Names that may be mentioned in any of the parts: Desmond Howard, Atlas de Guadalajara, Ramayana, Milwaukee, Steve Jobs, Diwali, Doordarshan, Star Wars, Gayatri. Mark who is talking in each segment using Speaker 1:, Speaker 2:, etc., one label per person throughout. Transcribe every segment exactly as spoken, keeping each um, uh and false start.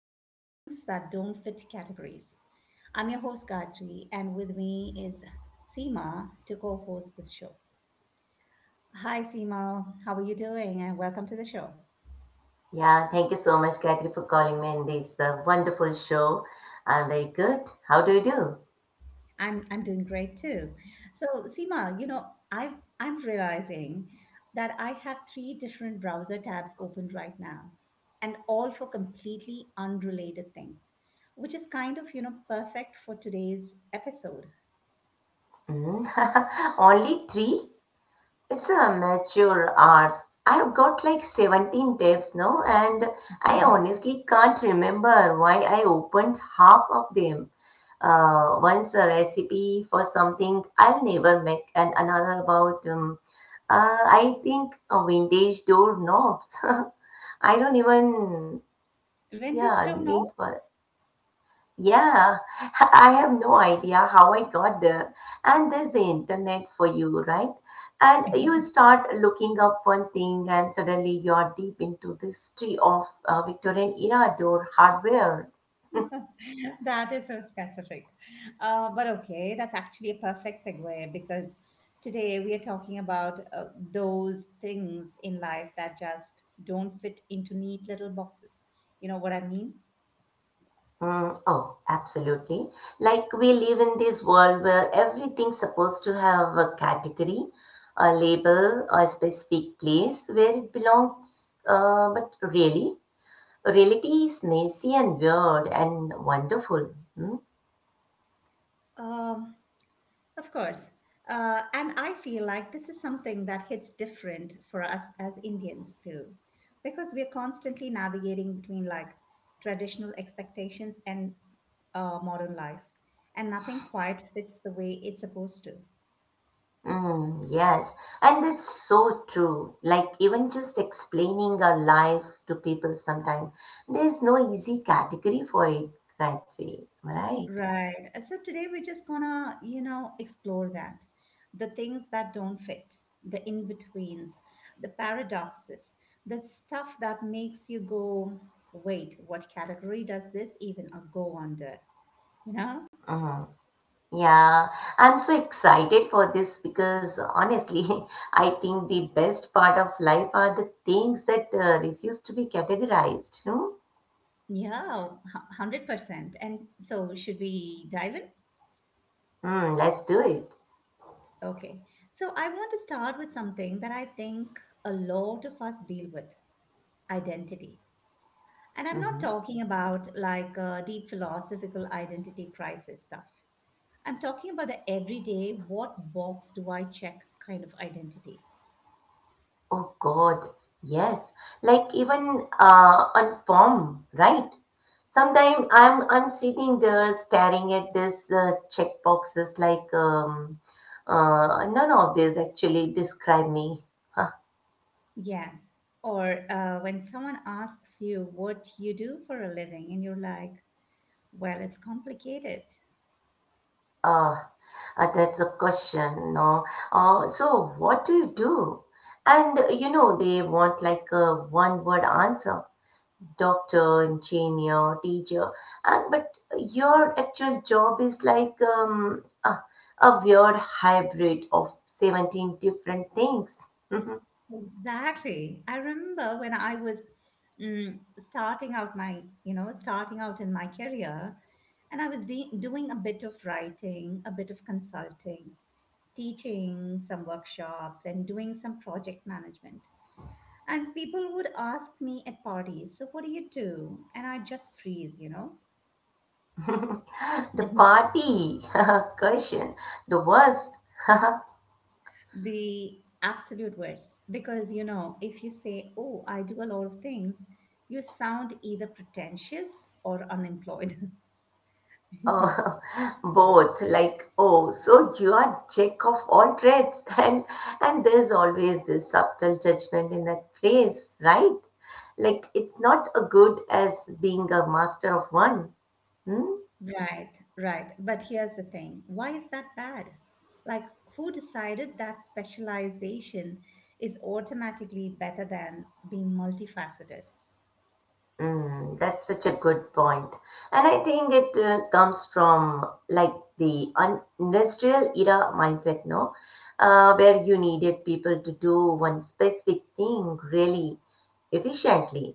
Speaker 1: to Things That Don't Fit Categories. I'm your host, Gayatri, and with me is Seema to co host the show. Hi, Seema. How are you doing? And welcome to the show.
Speaker 2: Yeah, thank you so much, Gayatri, for calling me in this uh, wonderful show. I'm very good. How do you do?
Speaker 1: I'm, I'm doing great too. So, Seema, you know, I've, I'm realizing that I have three different browser tabs open right now, and all for completely unrelated things, which is kind of, you know, perfect for today's episode.
Speaker 2: Mm. Only three? It's a mature arts. I've got like seventeen tabs now, and I honestly can't remember why I opened half of them. Uh, once a recipe for something I'll never make, and another about, um, uh, I think, uh, vintage door knobs. I don't even,
Speaker 1: Vintage
Speaker 2: yeah,
Speaker 1: don't
Speaker 2: need
Speaker 1: know?
Speaker 2: one. Yeah, I have no idea how I got there. And there's the internet for you, right? And you start looking up one thing, and suddenly you're deep into the history of uh, Victorian era door hardware.
Speaker 1: That is so specific. Uh, but okay, that's actually a perfect segue because today we are talking about uh, those things in life that just don't fit into neat little boxes. You know what I mean?
Speaker 2: Mm, oh, absolutely. Like, we live in this world where everything's supposed to have a category, a label, a specific place where it belongs. Uh, but really, reality is messy and weird and wonderful. Hmm?
Speaker 1: Um, Of course. Uh, and I feel like this is something that hits different for us as Indians too, because we are constantly navigating between like traditional expectations and uh, modern life, and nothing quite fits the way it's supposed to.
Speaker 2: Mm, yes, and that's so true. Like, even just explaining our lives to people sometimes, there's no easy category for it, right? way, Right?
Speaker 1: Right. Uh, So today we're just gonna, you know, explore that. The things that don't fit, the in-betweens, the paradoxes, the stuff that makes you go, wait, what category does this even uh, go under? You know?
Speaker 2: Hmm. Yeah, I'm so excited for this because honestly, I think the best part of life are the things that uh, refuse to be categorized. Hmm?
Speaker 1: Yeah, hu- one hundred percent. And so should we dive in?
Speaker 2: Mm, let's do it.
Speaker 1: Okay. So I want to start with something that I think a lot of us deal with, identity. And I'm not
Speaker 2: Mhm.
Speaker 1: talking about like uh, deep philosophical identity crisis stuff. I'm talking about the everyday, what box do I check kind of identity.
Speaker 2: Oh God, yes. Like, even uh, on form, right? Sometimes I'm I'm sitting there staring at this uh, check boxes like um, uh, none of these actually describe me. Huh.
Speaker 1: Yes. Or uh, when someone asks you what you do for a living, and you're like, well, it's complicated.
Speaker 2: Uh, uh, that's a question, no? Uh, so what do you do? And uh, you know they want like a one word answer. Doctor, engineer, teacher, and but your actual job is like um, a, a weird hybrid of seventeen different things. The
Speaker 1: Exactly. I remember when I was mm, starting out my, you know, starting out in my career, and I was de- doing a bit of writing, a bit of consulting, teaching some workshops, and doing some project management. And people would ask me at parties, so what do you do? And I just freeze, you know.
Speaker 2: party question, the worst.
Speaker 1: The absolute worst. Because, you know, if you say, oh, I do a lot of things, you sound either pretentious or unemployed.
Speaker 2: Oh, both, like, oh, so you are jack of all trades, and and there's always this subtle judgment in that phrase, right? Like, it's not a good as being a master of one. Hmm?
Speaker 1: Right, right. But here's the thing. Why is that bad? Like, who decided that specialization is automatically better than being multifaceted?
Speaker 2: Mm, that's such a good point. And I think it uh, comes from like the un- industrial era mindset, no? Uh, where you needed people to do one specific thing really efficiently.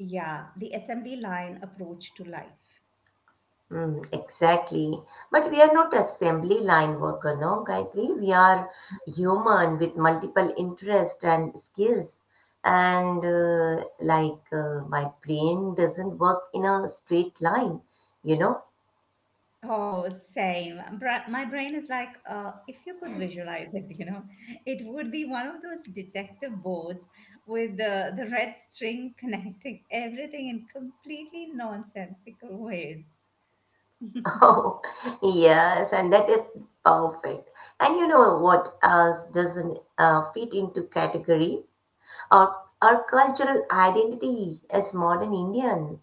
Speaker 1: Yeah, the assembly line approach to life.
Speaker 2: Mm, exactly. But we are not assembly line worker, no, Gayatri? We are human with multiple interests and skills. And uh, like uh, my brain doesn't work in a straight line, you know.
Speaker 1: Oh, same. Bra- My brain is like, uh, if you could visualize it, you know, it would be one of those detective boards with the, the red string connecting everything in completely nonsensical ways.
Speaker 2: Oh, yes, and that is perfect. And you know what else doesn't uh, fit into category? Our, our cultural identity as modern Indians.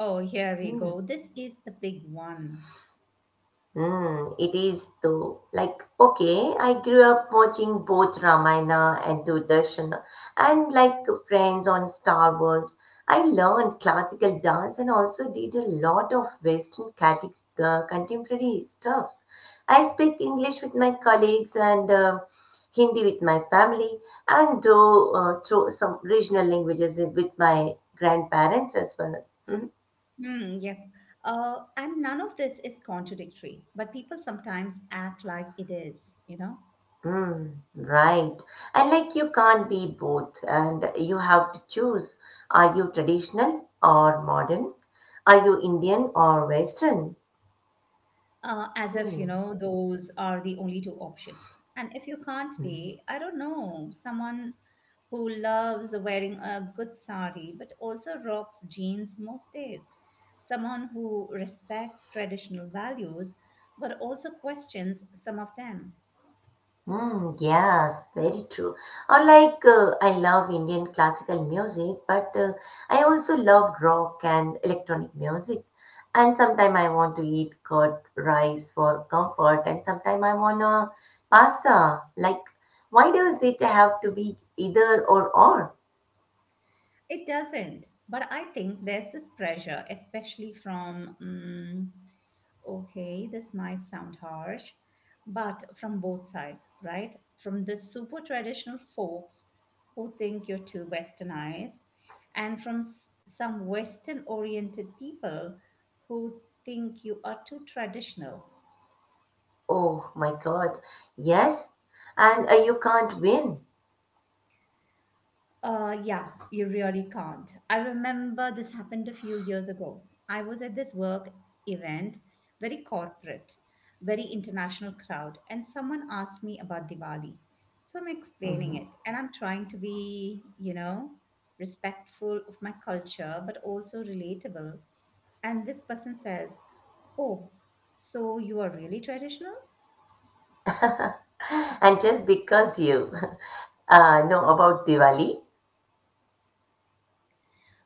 Speaker 1: Oh, here we
Speaker 2: Hmm.
Speaker 1: go. This is the big one.
Speaker 2: Mm, it is though. Like, okay, I grew up watching both Ramayana and Doordarshan, and like Friends on Star Wars, I learned classical dance and also did a lot of Western cate- uh, contemporary stuffs. I speak English with my colleagues and uh, Hindi with my family, and though uh, through some regional languages with my grandparents as well. Hmm.
Speaker 1: Hmm, yep. Uh, and none of this is contradictory, but people sometimes act like it is, you know?
Speaker 2: Mm, right. And like, you can't be both, and you have to choose. Are you traditional or modern? Are you Indian or Western?
Speaker 1: Uh, as if, you
Speaker 2: Hmm.
Speaker 1: know, those are the only two options. And if you can't pay,
Speaker 2: Hmm.
Speaker 1: I don't know, someone who loves wearing a good sari but also rocks jeans most days, someone who respects traditional values but also questions some of them.
Speaker 2: Mm, yes, very true. Or like, uh, I love Indian classical music, but uh, I also love rock and electronic music. And sometimes I want to eat curd rice for comfort, and sometimes I want a pasta. Like, why does it have to be either or or?
Speaker 1: It doesn't, but I think there's this pressure, especially from mm okay, this might sound harsh, but from both sides, right? From the super traditional folks who think you're too westernized, and from s- some Western oriented people who think you are too traditional.
Speaker 2: Oh my God, yes, and uh, you can't win.
Speaker 1: Uh, yeah, you really can't. I remember this happened a few years ago. I was at this work event, very corporate, very international crowd, and someone asked me about Diwali. So I'm explaining
Speaker 2: Mhm.
Speaker 1: it, and I'm trying to be, you know, respectful of my culture, but also relatable. And this person says, oh, so you are really traditional?
Speaker 2: And just because you uh, know about Diwali.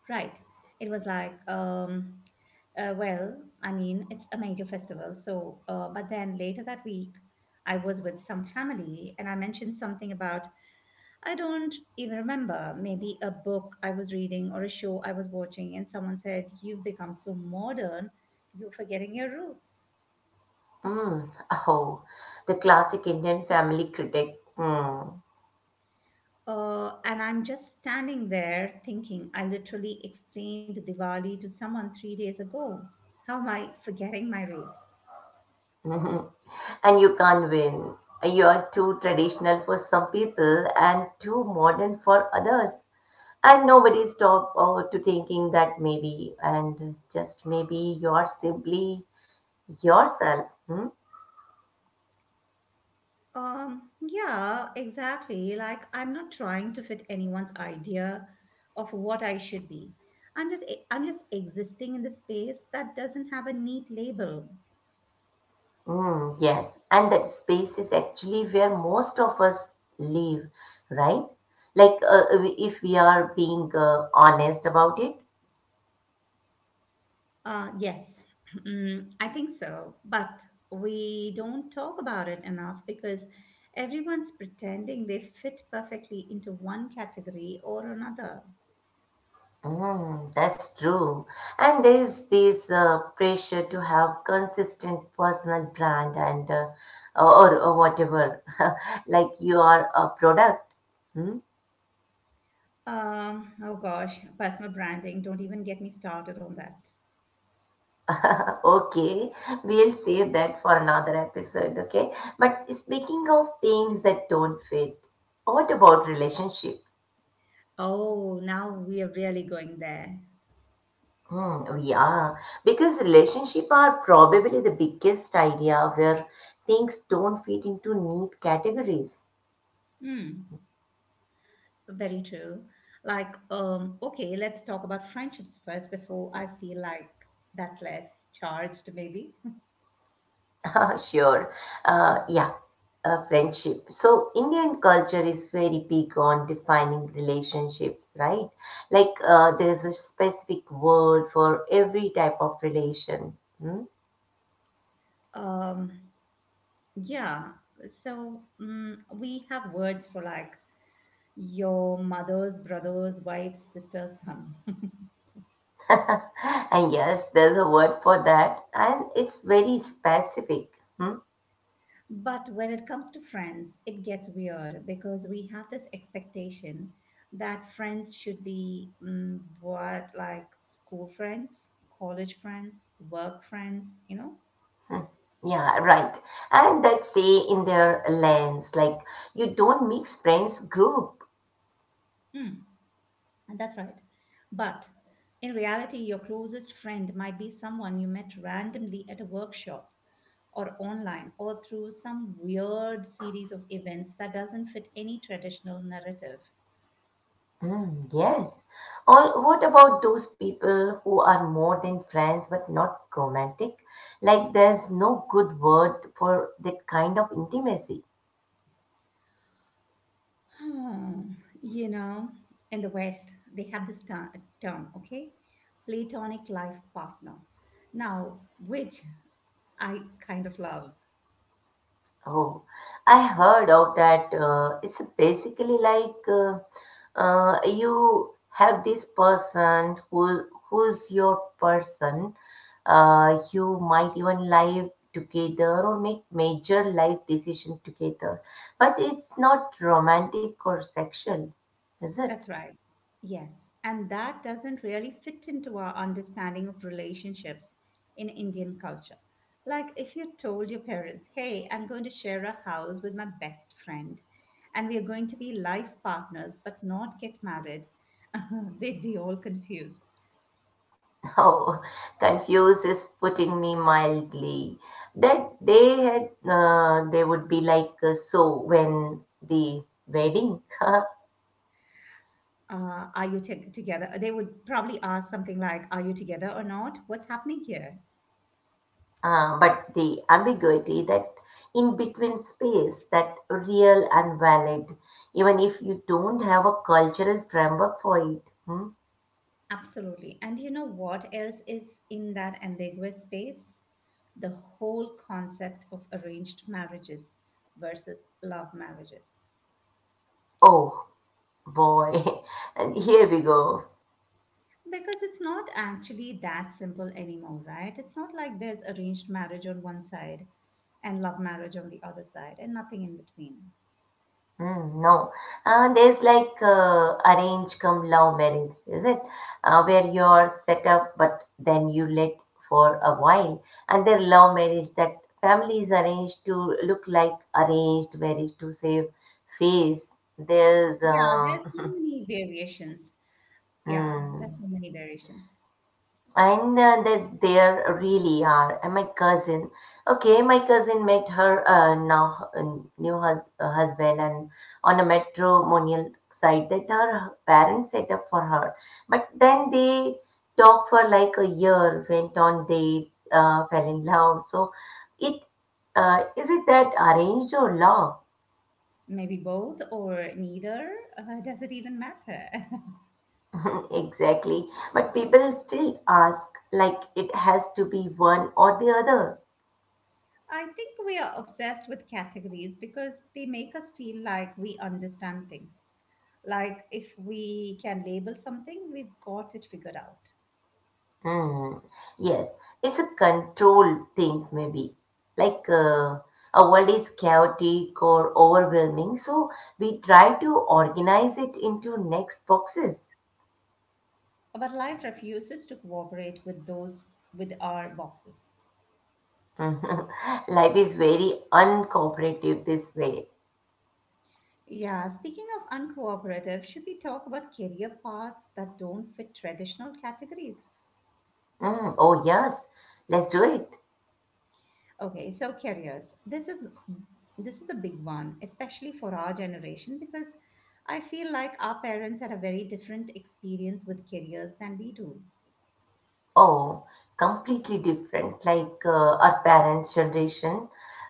Speaker 1: Right. It was like, um, uh, well, I mean, it's a major festival. So, uh, but then later that week, I was with some family and I mentioned something about, I don't even remember, maybe a book I was reading or a show I was watching. And someone said, you've become so modern, you're forgetting your roots.
Speaker 2: Mm. Oh, the classic Indian family critic. Mm.
Speaker 1: Uh, and I'm just standing there thinking, I literally explained Diwali to someone three days ago. How am I forgetting my roots?
Speaker 2: And you can't win. You are too traditional for some people and too modern for others. And nobody stop uh, to thinking that maybe and just maybe you're simply yourself. Hmm?
Speaker 1: Um, yeah, exactly. Like, I'm not trying to fit anyone's idea of what I should be. I'm just eh, I'm just existing in the space that doesn't have a neat label.
Speaker 2: Mm, yes, and that space is actually where most of us live, right? Like, uh, if we are being uh, honest about it.
Speaker 1: Uh, yes, Mm, I think so. But we don't talk about it enough because everyone's pretending they fit perfectly into one category or another.
Speaker 2: Mm, that's true. And there's this uh, pressure to have consistent personal brand and uh, or, or whatever, like you are a product. Hmm?
Speaker 1: Um, oh gosh, personal branding. Don't even get me started on that.
Speaker 2: Okay, we'll save that for another episode, okay? But speaking of things that don't fit, what about relationship?
Speaker 1: Oh, now we are really going there.
Speaker 2: Hmm, yeah, because relationship are probably the biggest idea where things don't fit into neat categories.
Speaker 1: Hmm, very true. Like, um, okay, let's talk about friendships first before I feel like that's less charged, maybe.
Speaker 2: Sure. Uh,
Speaker 1: Mm.
Speaker 2: yeah, uh, friendship. So, Indian culture is very big on defining relationships, right? Like, uh, there's a specific word for every type of relation. Hmm?
Speaker 1: Um, Yeah. So mm we have words for like your mother's brother's wife's sister's son.
Speaker 2: And yes, there's a word for that, and it's very specific. Hmm?
Speaker 1: But when it comes to friends, it gets weird because we have this expectation that friends should be mm, what, like school friends, college friends, work friends, you
Speaker 2: Yeah, right. And that say in their lens, like, you don't mix friends group.
Speaker 1: know? That's right. But in reality, your closest friend might be someone you met randomly at a workshop or online or through some weird series of events that doesn't fit any traditional narrative.
Speaker 2: Mm, yes. Or what about those people who are more than friends but not romantic? Like, there's no good word for that kind of intimacy.
Speaker 1: Hmm, you know, in the West, they have this ter- term, okay? Platonic life partner. Now, which I kind of love.
Speaker 2: Oh, I heard of that. Uh, it's basically like uh, uh, you have this person who who's your person. Uh, you might even live together or make major life decisions together, but it's not romantic or sexual, is it?
Speaker 1: That's right. Yes. And that doesn't really fit into our understanding of relationships in Indian culture. Like if you told your parents, hey, I'm going to share a house with my best friend and we are going to be life partners but not get married, they'd be all confused.
Speaker 2: Oh, confused is putting me mildly. That they had, uh, they would be like, uh, so when the wedding?
Speaker 1: Uh, are you t- together? They would probably ask something like, are you together or not? What's happening here?
Speaker 2: Uh, but the ambiguity, that in between space, that real and valid, even if you don't have a cultural framework for it. Hmm?
Speaker 1: Absolutely. And you know what else is in that ambiguous space? The whole concept of arranged marriages versus love marriages.
Speaker 2: Oh boy, and here we go.
Speaker 1: Because it's not actually that simple anymore, right? It's not like there's arranged marriage on one side and love marriage on the other side and nothing in between.
Speaker 2: Mm, no, uh, there's like uh, arrange come love marriage, is it? Uh, where you're set up, but then you let for a while, and then love marriage that family is arranged to look like arranged marriage to save face. There's
Speaker 1: Yeah, there's so
Speaker 2: um,
Speaker 1: many variations. Yeah, there's
Speaker 2: Mm,
Speaker 1: so many variations.
Speaker 2: and uh, they there really are. And my cousin, okay, my cousin met her uh, now uh, new hus- uh, husband and on a matrimonial site that her parents set up for her. But then they talked for like a year, went on dates, uh, fell in love. So it uh, is it that arranged or love?
Speaker 1: Maybe both or neither. Uh, does it even matter?
Speaker 2: Exactly. But people still ask like it has to be one or the other.
Speaker 1: I think we are obsessed with categories because they make us feel like we understand things. Like if we can label something, we've got it figured out.
Speaker 2: Hmm. Yes, it's a control thing, maybe. Like, uh, our world is chaotic or overwhelming, so we try to organize it into next boxes.
Speaker 1: But life refuses to cooperate with those with our boxes.
Speaker 2: Life is very uncooperative this way.
Speaker 1: Yeah, speaking of uncooperative, should we talk about career paths that don't fit traditional categories?
Speaker 2: Hmm. Oh, yes, let's do it.
Speaker 1: Okay, so careers. This is this is a big one, especially for our generation, because I feel like our parents had a very different experience with careers than we do.
Speaker 2: Oh, completely different, like, uh, our parents' generation.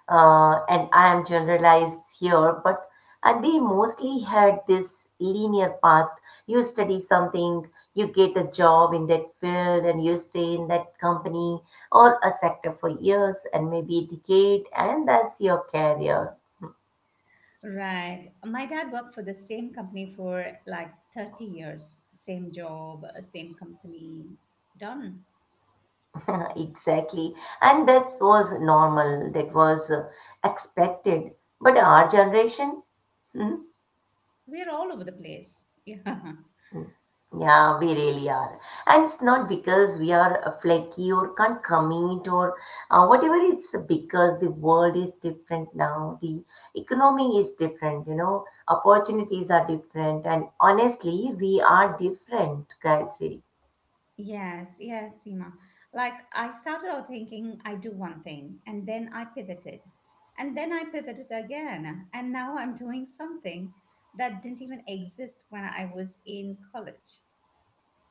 Speaker 2: Uh, and I am generalized here, but and they mostly had this linear path. You study something, you get a job in that field, and you stay in that company or a sector for years and maybe a decade, and that's your career.
Speaker 1: Right. My dad worked for the same company for like thirty years, same job, same company. Done.
Speaker 2: Exactly. And that was normal, that was uh, expected. But our generation, hmm?
Speaker 1: We're all over the place. Yeah.
Speaker 2: Yeah, we really are. And it's not because we are uh, flaky or can't commit or uh, whatever. It's because the world is different now. The economy is different, you know, opportunities are different. And honestly, we are different, Gayatri.
Speaker 1: Yes, yes, Seema. Like I started out thinking I do one thing and then I pivoted. And then I pivoted again. And now I'm doing something that didn't even exist when I was in college.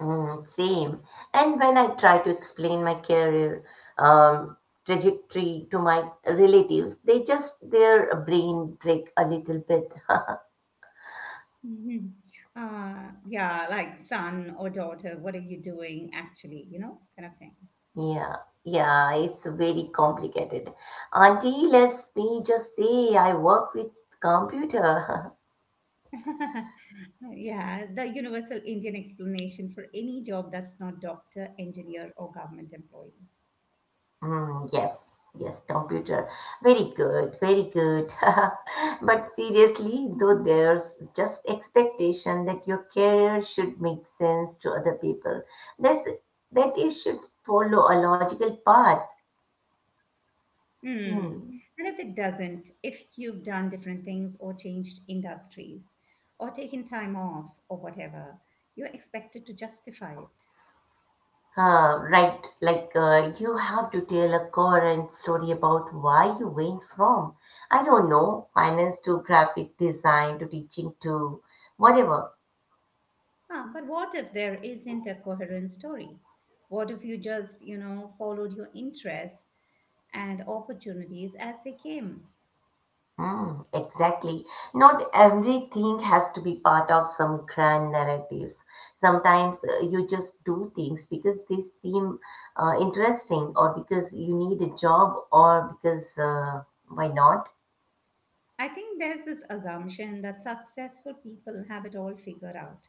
Speaker 2: Mm, same. And when I try to explain my career um, trajectory to my relatives, they just, their brain break a little bit.
Speaker 1: Mhm. Uh, yeah, like son or daughter, what are you doing actually? You know, kind of thing.
Speaker 2: Yeah, yeah, it's very complicated. Unless they just say, I work with computer.
Speaker 1: Yeah, the universal Indian explanation for any job that's not doctor, engineer, or government employee.
Speaker 2: Mm, yes, yes, computer. Very good, very good. But seriously, though, there's just expectation that your career should make sense to other people. That's, that it should follow a logical path.
Speaker 1: Hmm.
Speaker 2: Hmm.
Speaker 1: And if it doesn't, if you've done different things or changed industries or taken time off or whatever, you're expected to justify it.
Speaker 2: Uh, right, like, uh, you have to tell a coherent story about why you went from, I don't know, finance to graphic design to teaching to whatever.
Speaker 1: Ah, but what if there isn't a coherent story? What if you just, you know, followed your interests and opportunities as they came?
Speaker 2: Mm, exactly. Not everything has to be part of some grand narratives. Sometimes uh, you just do things because they seem uh, interesting or because you need a job or because uh, why not?
Speaker 1: I think there's this assumption that successful people have it all figured out,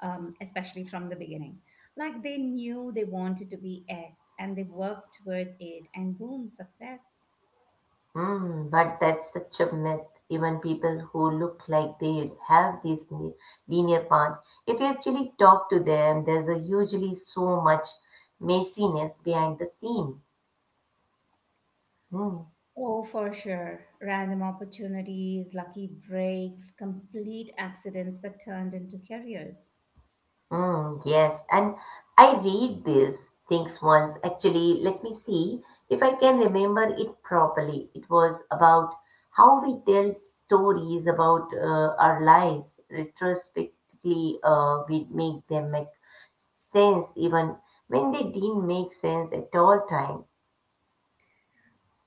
Speaker 1: um, especially from the beginning. Like they knew they wanted to be X and they worked towards it, and boom, success.
Speaker 2: Hmm, but that's such a myth. Even people who look like they have this ne- linear paths, if you actually talk to them, there's a usually so much messiness behind the scene. Hmm.
Speaker 1: Oh, for sure. Random opportunities, lucky breaks, complete accidents that turned into careers.
Speaker 2: Mm, yes, and I read these things once. Actually, let me see if I can remember it properly. It was about how we tell stories about uh, our lives. Retrospectively, uh, we make them make sense even when they didn't make sense at all time.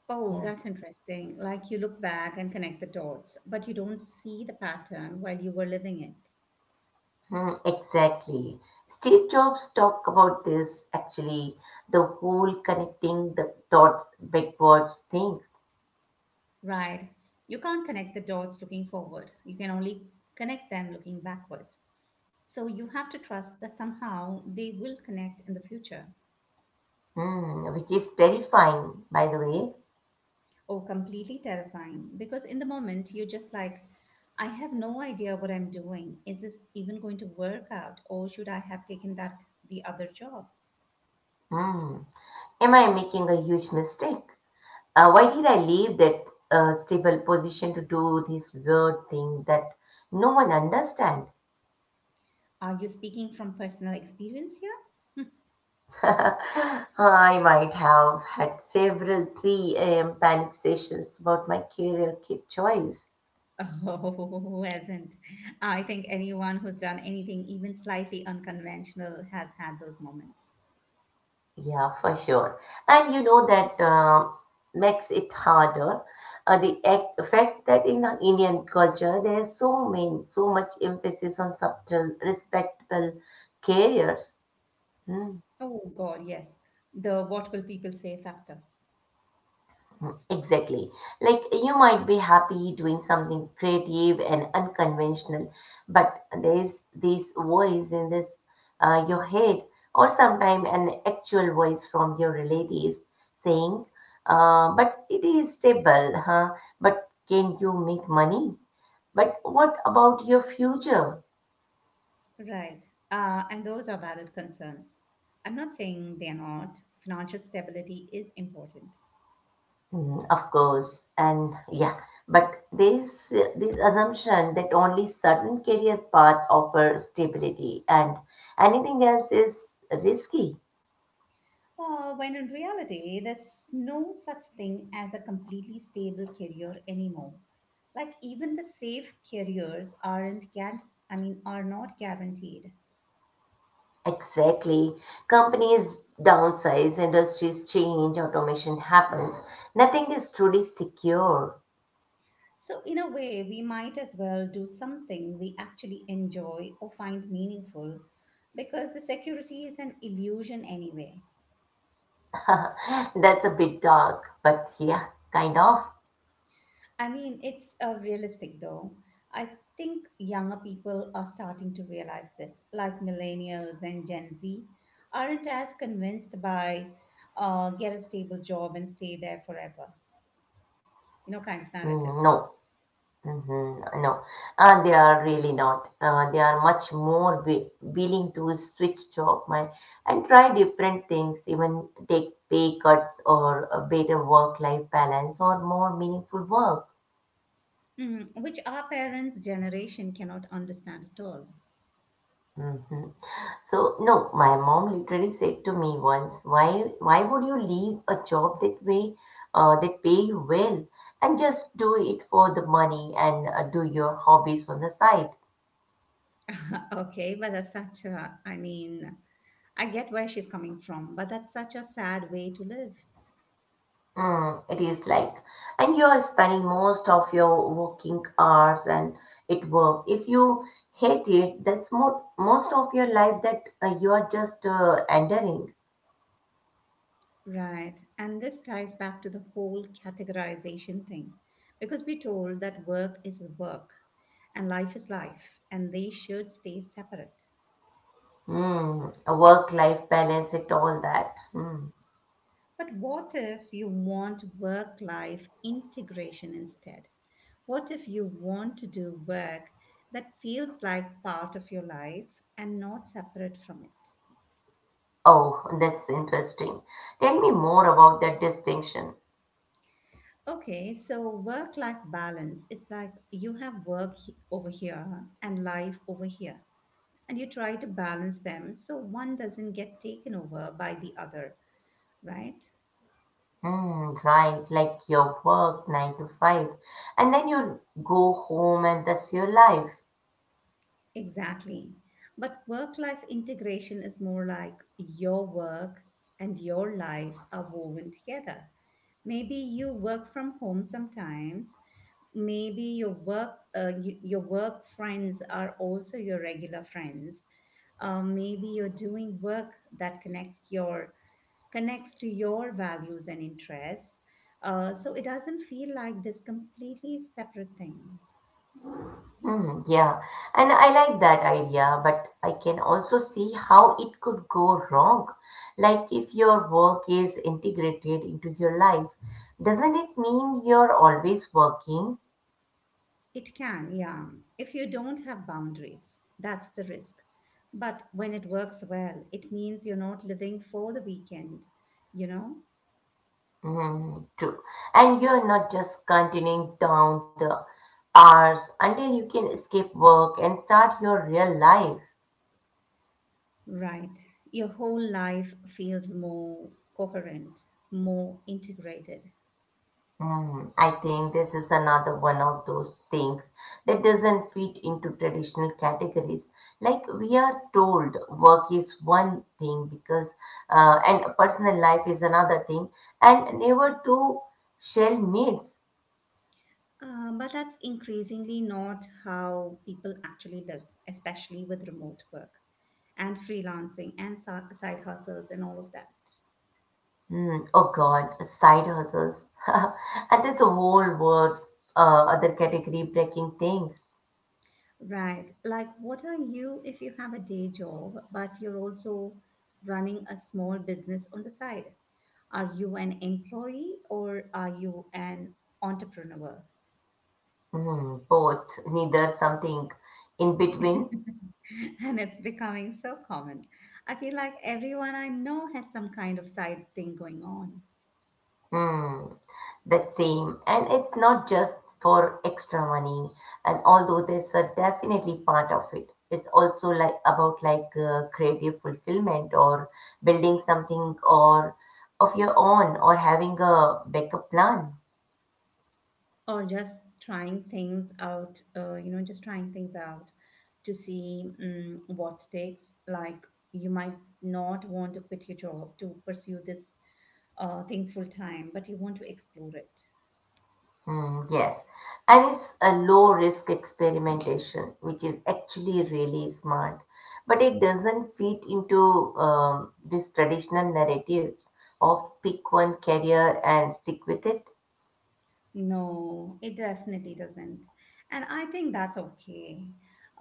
Speaker 1: Oh,
Speaker 2: Yeah,
Speaker 1: that's interesting. Like you look back and connect the dots, but you don't see the pattern while you were living it.
Speaker 2: hmm, exactly. Steve Jobs talked about this actually, the whole connecting the dots backwards thing.
Speaker 1: Right. You can't connect the dots looking forward. You can only connect them looking backwards. So you have to trust that somehow they will connect in the future.
Speaker 2: Hmm, which is terrifying, by the way.
Speaker 1: Oh, completely terrifying. Because in the moment, you're just like, I have no idea what I'm doing. Is this even going to work out? Or should I have taken that the other job?
Speaker 2: Hmm, am I making a huge mistake? Uh, why did I leave that uh, stable position to do this weird thing that no one understands?
Speaker 1: Are you speaking from personal experience here?
Speaker 2: I might have had several three a m panic sessions about my career ki- choice.
Speaker 1: Hmm. Oh, who hasn't? I think anyone who's done anything even slightly unconventional has had those moments.
Speaker 2: Yeah, for sure. And you know that uh, makes it harder. Uh, the act, fact that in our Indian culture there's so many, so much emphasis on subtle, respectable careers.
Speaker 1: Oh God, yes. The what will people say factor.
Speaker 2: Exactly. Like, you might be happy doing something creative and unconventional, but there's this voice in this uh, your head, or sometimes an actual voice from your relatives saying, uh, "But it is stable, huh? But can you make money? But what about your future?"
Speaker 1: Right. Uh, and those are valid concerns. I'm not saying they're not. Financial stability is important.
Speaker 2: Mhm. Of course, and yeah, but this this assumption that only certain career path offer stability and anything else is risky.
Speaker 1: Uh, when in reality, there's no such thing as a completely stable career anymore. Like even the safe careers aren't guaran- I mean are not guaranteed.
Speaker 2: Exactly. Companies downsize, industries change, automation happens. Nothing is truly secure.
Speaker 1: So in a way, we might as well do something we actually enjoy or find meaningful because the security is an illusion anyway.
Speaker 2: That's a bit dark, but yeah, kind of.
Speaker 1: I mean, it's uh, realistic though. I think younger people are starting to realize this, like millennials and Gen Z aren't as convinced by uh, get a stable job and stay there forever, you know, kind of narrative,
Speaker 2: Mm, No. Mm-hmm. No, uh, they are really not. Uh, they are much more wi- willing to switch job my, and try different things, even take pay cuts or a better work-life balance or more meaningful work.
Speaker 1: Mhm. which our parents' generation cannot understand at all.
Speaker 2: hmm So no, my mom literally said to me once, "Why, why would you leave a job that way, uh, that pay you well, and just do it for the money and uh, do your hobbies on the side?"
Speaker 1: okay, but that's such a, I mean, I get where she's coming from, but that's such a sad way to live.
Speaker 2: Mm, it is like, and you are spending most of your working hours and at work. If you hate it, that's mo- most of your life that uh, you are just uh, entering.
Speaker 1: Right. And this ties back to the whole categorization thing because we're told that work is work and life is life and they should stay separate.
Speaker 2: Mm, a work-life balance, it all that. Mm.
Speaker 1: But what if you want work life integration instead? What if you want to do work that feels like part of your life and not separate from it?
Speaker 2: Oh, that's interesting. Tell me more about that distinction.
Speaker 1: Okay, so work life balance is like you have work he- over here and life over here. And you try to balance them so one doesn't get taken over by the other, right?
Speaker 2: Hmm, right, like your work nine to five, and then you go home and that's your life.
Speaker 1: Exactly. But work life integration is more like your work and your life are woven together. Maybe you work from home sometimes. Maybe your work, uh, y- your work friends are also your regular friends. Uh, maybe you're doing work that connects your connects to your values and interests. Uh, so it doesn't feel like this completely separate thing.
Speaker 2: Mm, yeah, and I like that idea, but I can also see how it could go wrong. Like if your work is integrated into your life, doesn't it mean you're always working?
Speaker 1: It can, yeah, if you don't have boundaries. That's the risk. But when it works well, it means you're not living for the weekend, you know?
Speaker 2: Hmm, true. And you're not just continuing down the hours until you can escape work and start your real life.
Speaker 1: Right. Your whole life feels more coherent, more integrated.
Speaker 2: Hmm, I think this is another one of those things that doesn't fit into traditional categories. Like we are told work is one thing because uh, and personal life is another thing and never two shall meet.
Speaker 1: Uh, but that's increasingly not how people actually live, especially with remote work and freelancing and si- side hustles and all of that.
Speaker 2: Hmm, oh God, side hustles. And there's a whole word, uh, other category breaking things.
Speaker 1: Right. Like, what are you if you have a day job, but you're also running a small business on the side? Are you an employee or are you an entrepreneur?
Speaker 2: Hmm, both, neither something in between.
Speaker 1: And it's becoming so common. I feel like everyone I know has some kind of side thing going on.
Speaker 2: Hmm, that same. And it's not just for extra money. And although there's a definitely part of it, it's also like about like uh, creative fulfillment or building something or of your own or having a backup plan.
Speaker 1: Or just trying things out uh, you know just trying things out to see mm what stakes. Like you might not want to quit your job to pursue this uh, thing full time, but you want to explore it.
Speaker 2: Hmm, yes. And it's a low risk experimentation, which is actually really smart. But it doesn't fit into um, this traditional narratives of pick one career and stick with it.
Speaker 1: No, it definitely doesn't, and I think that's okay.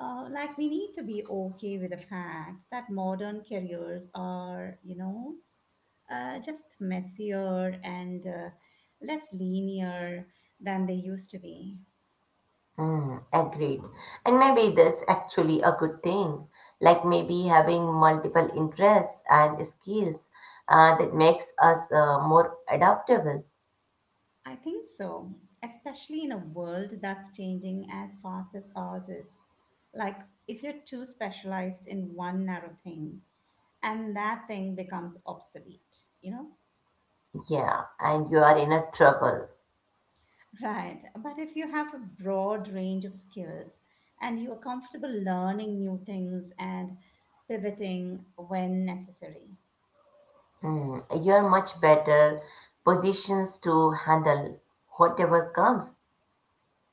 Speaker 1: Uh, like we need to be okay with the fact that modern careers are, you know uh, just messier and uh, less linear than they used to be.
Speaker 2: Mm, agreed. And maybe that's actually a good thing. Like maybe having multiple interests and skills uh, that makes us uh, more adaptable.
Speaker 1: I think so, especially in a world that's changing as fast as ours is. Like, if you're too specialized in one narrow thing, and that thing becomes obsolete, you know?
Speaker 2: Yeah, and you are in a trouble.
Speaker 1: Right. But if you have a broad range of skills and you are comfortable learning new things and pivoting when necessary,
Speaker 2: Hmm, you're much better positions to handle whatever comes.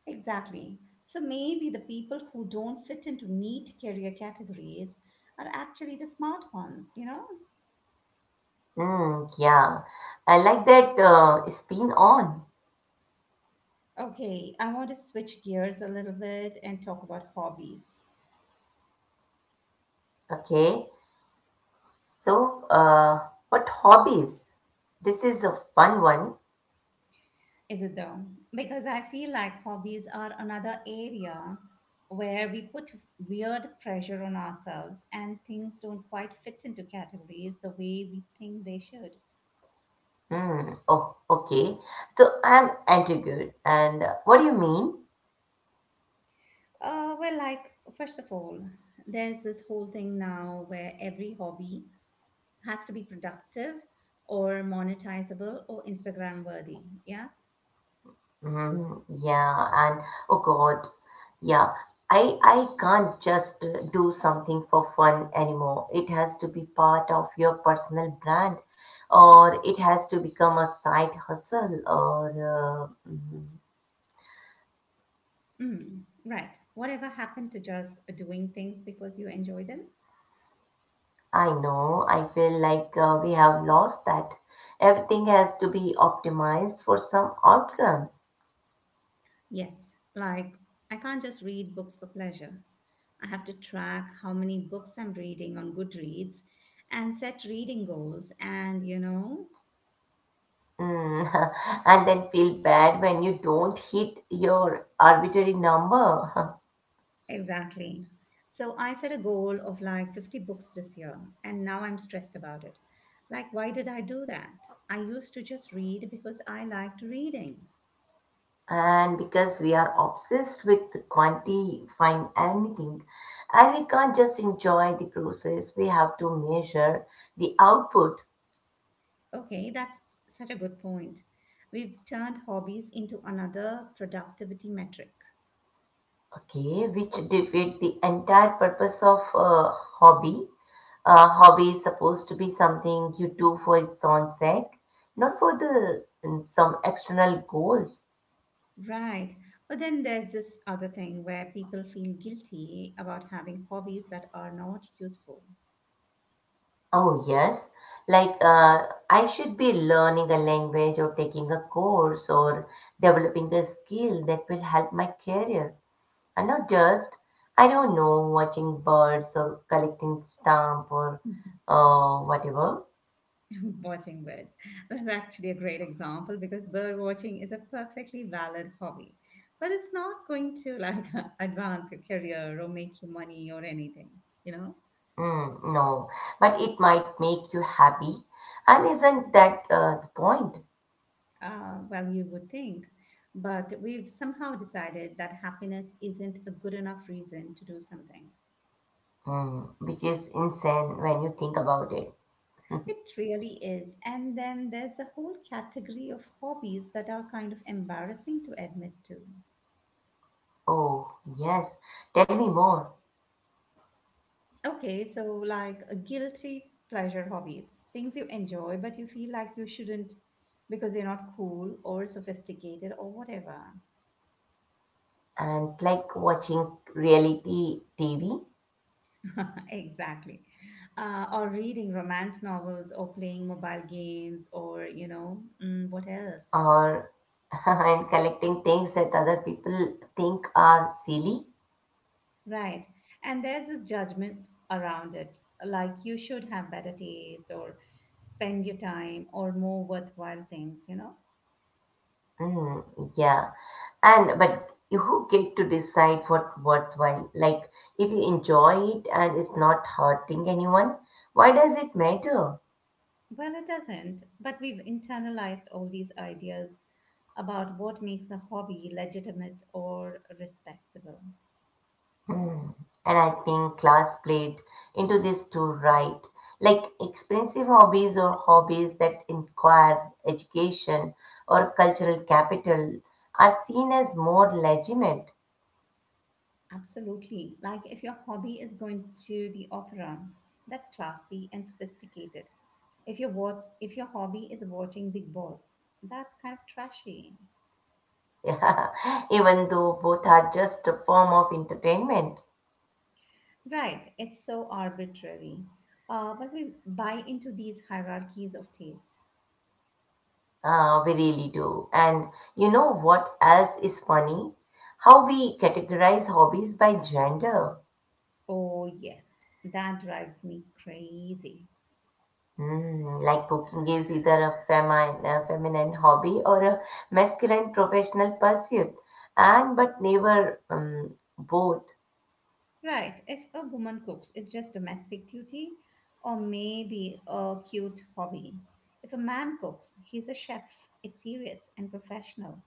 Speaker 1: exactly. So maybe the people who don't fit into neat career categories are actually the smart ones, you know?
Speaker 2: Hmm, yeah, I like that uh, spin on.
Speaker 1: Okay, I want to switch gears a little bit and talk about hobbies.
Speaker 2: Okay, so uh, what hobbies? This is a fun one.
Speaker 1: Is it though? Because I feel like hobbies are another area where we put weird pressure on ourselves and things don't quite fit into categories the way we think they should.
Speaker 2: Hmm. Oh, okay. So I'm anti and uh, what do you mean?
Speaker 1: Uh, well, like, first of all, there's this whole thing now where every hobby has to be productive or monetizable or Instagram worthy. Yeah.
Speaker 2: Mhm, yeah, and oh God, yeah, I I can't just uh, do something for fun anymore. It has to be part of your personal brand, or it has to become a side hustle. Or uh, mhm.
Speaker 1: Mm. Right. Whatever happened to just doing things because you enjoy them?
Speaker 2: I know, I feel like uh, we have lost that. Everything has to be optimized for some outcomes.
Speaker 1: Yes. Like, I can't just read books for pleasure. I have to track how many books I'm reading on Goodreads and set reading goals and, you know,
Speaker 2: Mm, and then feel bad when you don't hit your arbitrary number.
Speaker 1: Exactly. So I set a goal of like fifty books this year, and now I'm stressed about it. Like, why did I do that? I used to just read because I liked reading.
Speaker 2: And because we are obsessed with quantifying anything, and we can't just enjoy the process, we have to measure the output.
Speaker 1: Okay, that's such a good point. We've turned hobbies into another productivity metric.
Speaker 2: Okay, which defeat the entire purpose of a hobby. A hobby is supposed to be something you do for its own sake, not for the some external goals.
Speaker 1: Right. But then there's this other thing where people feel guilty about having hobbies that are not useful.
Speaker 2: Oh, yes. Like, uh, I should be learning a language or taking a course or developing a skill that will help my career. And not just, I don't know, watching birds or collecting stamp or uh, whatever.
Speaker 1: Watching birds. That's actually a great example because bird watching is a perfectly valid hobby, but it's not going to like advance your career or make you money or anything, you know?
Speaker 2: Mm, no, but it might make you happy. And isn't that uh, the point?
Speaker 1: Uh, well, you would think, but we've somehow decided that happiness isn't a good enough reason to do something.
Speaker 2: Mm, which is insane when you think about it.
Speaker 1: It really is. And then there's a whole category of hobbies that are kind of embarrassing to admit to.
Speaker 2: Oh, yes. Tell me more.
Speaker 1: Okay, so like a guilty pleasure hobbies, things you enjoy, but you feel like you shouldn't because they're not cool or sophisticated or whatever.
Speaker 2: And like watching reality T V
Speaker 1: Exactly. Uh, or reading romance novels or playing mobile games or, you know, mm, what else?
Speaker 2: or and collecting things that other people think are silly.
Speaker 1: Right. And there's this judgment around it, like you should have better taste or spend your time or more worthwhile things, you know?
Speaker 2: Mm, yeah, and but you get to decide what worthwhile. Like if you enjoy it and it's not hurting anyone, why does it matter?
Speaker 1: Well, it doesn't, but we've internalized all these ideas about what makes a hobby legitimate or respectable.
Speaker 2: Mm. And I think class played into this too, right? Like expensive hobbies or hobbies that inquire education or cultural capital are seen as more legitimate.
Speaker 1: Absolutely. Like if your hobby is going to the opera, that's classy and sophisticated. If your what if your hobby is watching Big Boss, that's kind of trashy.
Speaker 2: Yeah, even though both are just a form of entertainment.
Speaker 1: Right, it's so arbitrary. Uh, but we buy into these hierarchies of taste.
Speaker 2: Uh, we really do. And you know what else is funny? How we categorize hobbies by gender.
Speaker 1: Oh, yes, that drives me crazy.
Speaker 2: Mm, like cooking is either a feminine, a feminine hobby or a masculine professional pursuit, and but never um, both.
Speaker 1: Right. If a woman cooks, it's just domestic duty or maybe a cute hobby. If a man cooks, he's a chef. It's serious and professional.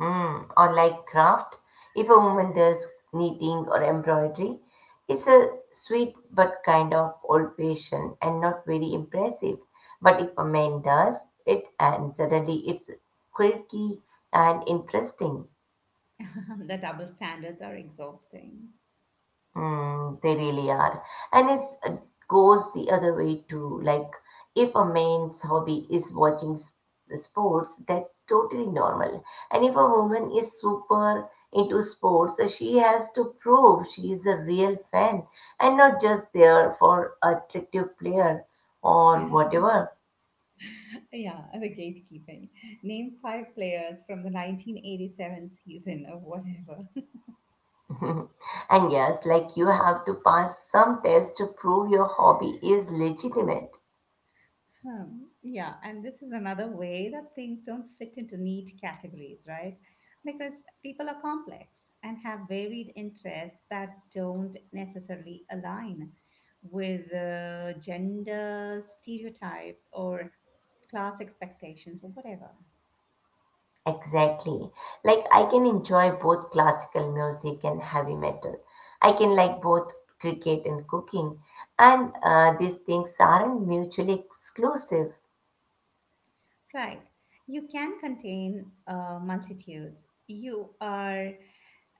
Speaker 2: Mm, or like craft, if a woman does knitting or embroidery, it's a sweet but kind of old-fashioned and not very impressive. But if a man does it, and suddenly it's quirky and interesting.
Speaker 1: The double standards are exhausting.
Speaker 2: Mm, they really are. And it's, it goes the other way too. Like, if a man's hobby is watching s- sports, that's totally normal. And if a woman is super into sports, uh, she has to prove she is a real fan and not just there for attractive player or whatever.
Speaker 1: Yeah, the gatekeeping. Name five players from the nineteen eighty-seven season of whatever.
Speaker 2: And yes, like you have to pass some test to prove your hobby is legitimate.
Speaker 1: Hmm, yeah, and this is another way that things don't fit into neat categories, right? Because people are complex and have varied interests that don't necessarily align with uh, gender stereotypes or class expectations or whatever.
Speaker 2: Exactly. Like I can enjoy both classical music and heavy metal. I can like both cricket and cooking. And uh, these things aren't mutually exclusive,
Speaker 1: Right. You can contain uh, multitudes. You are,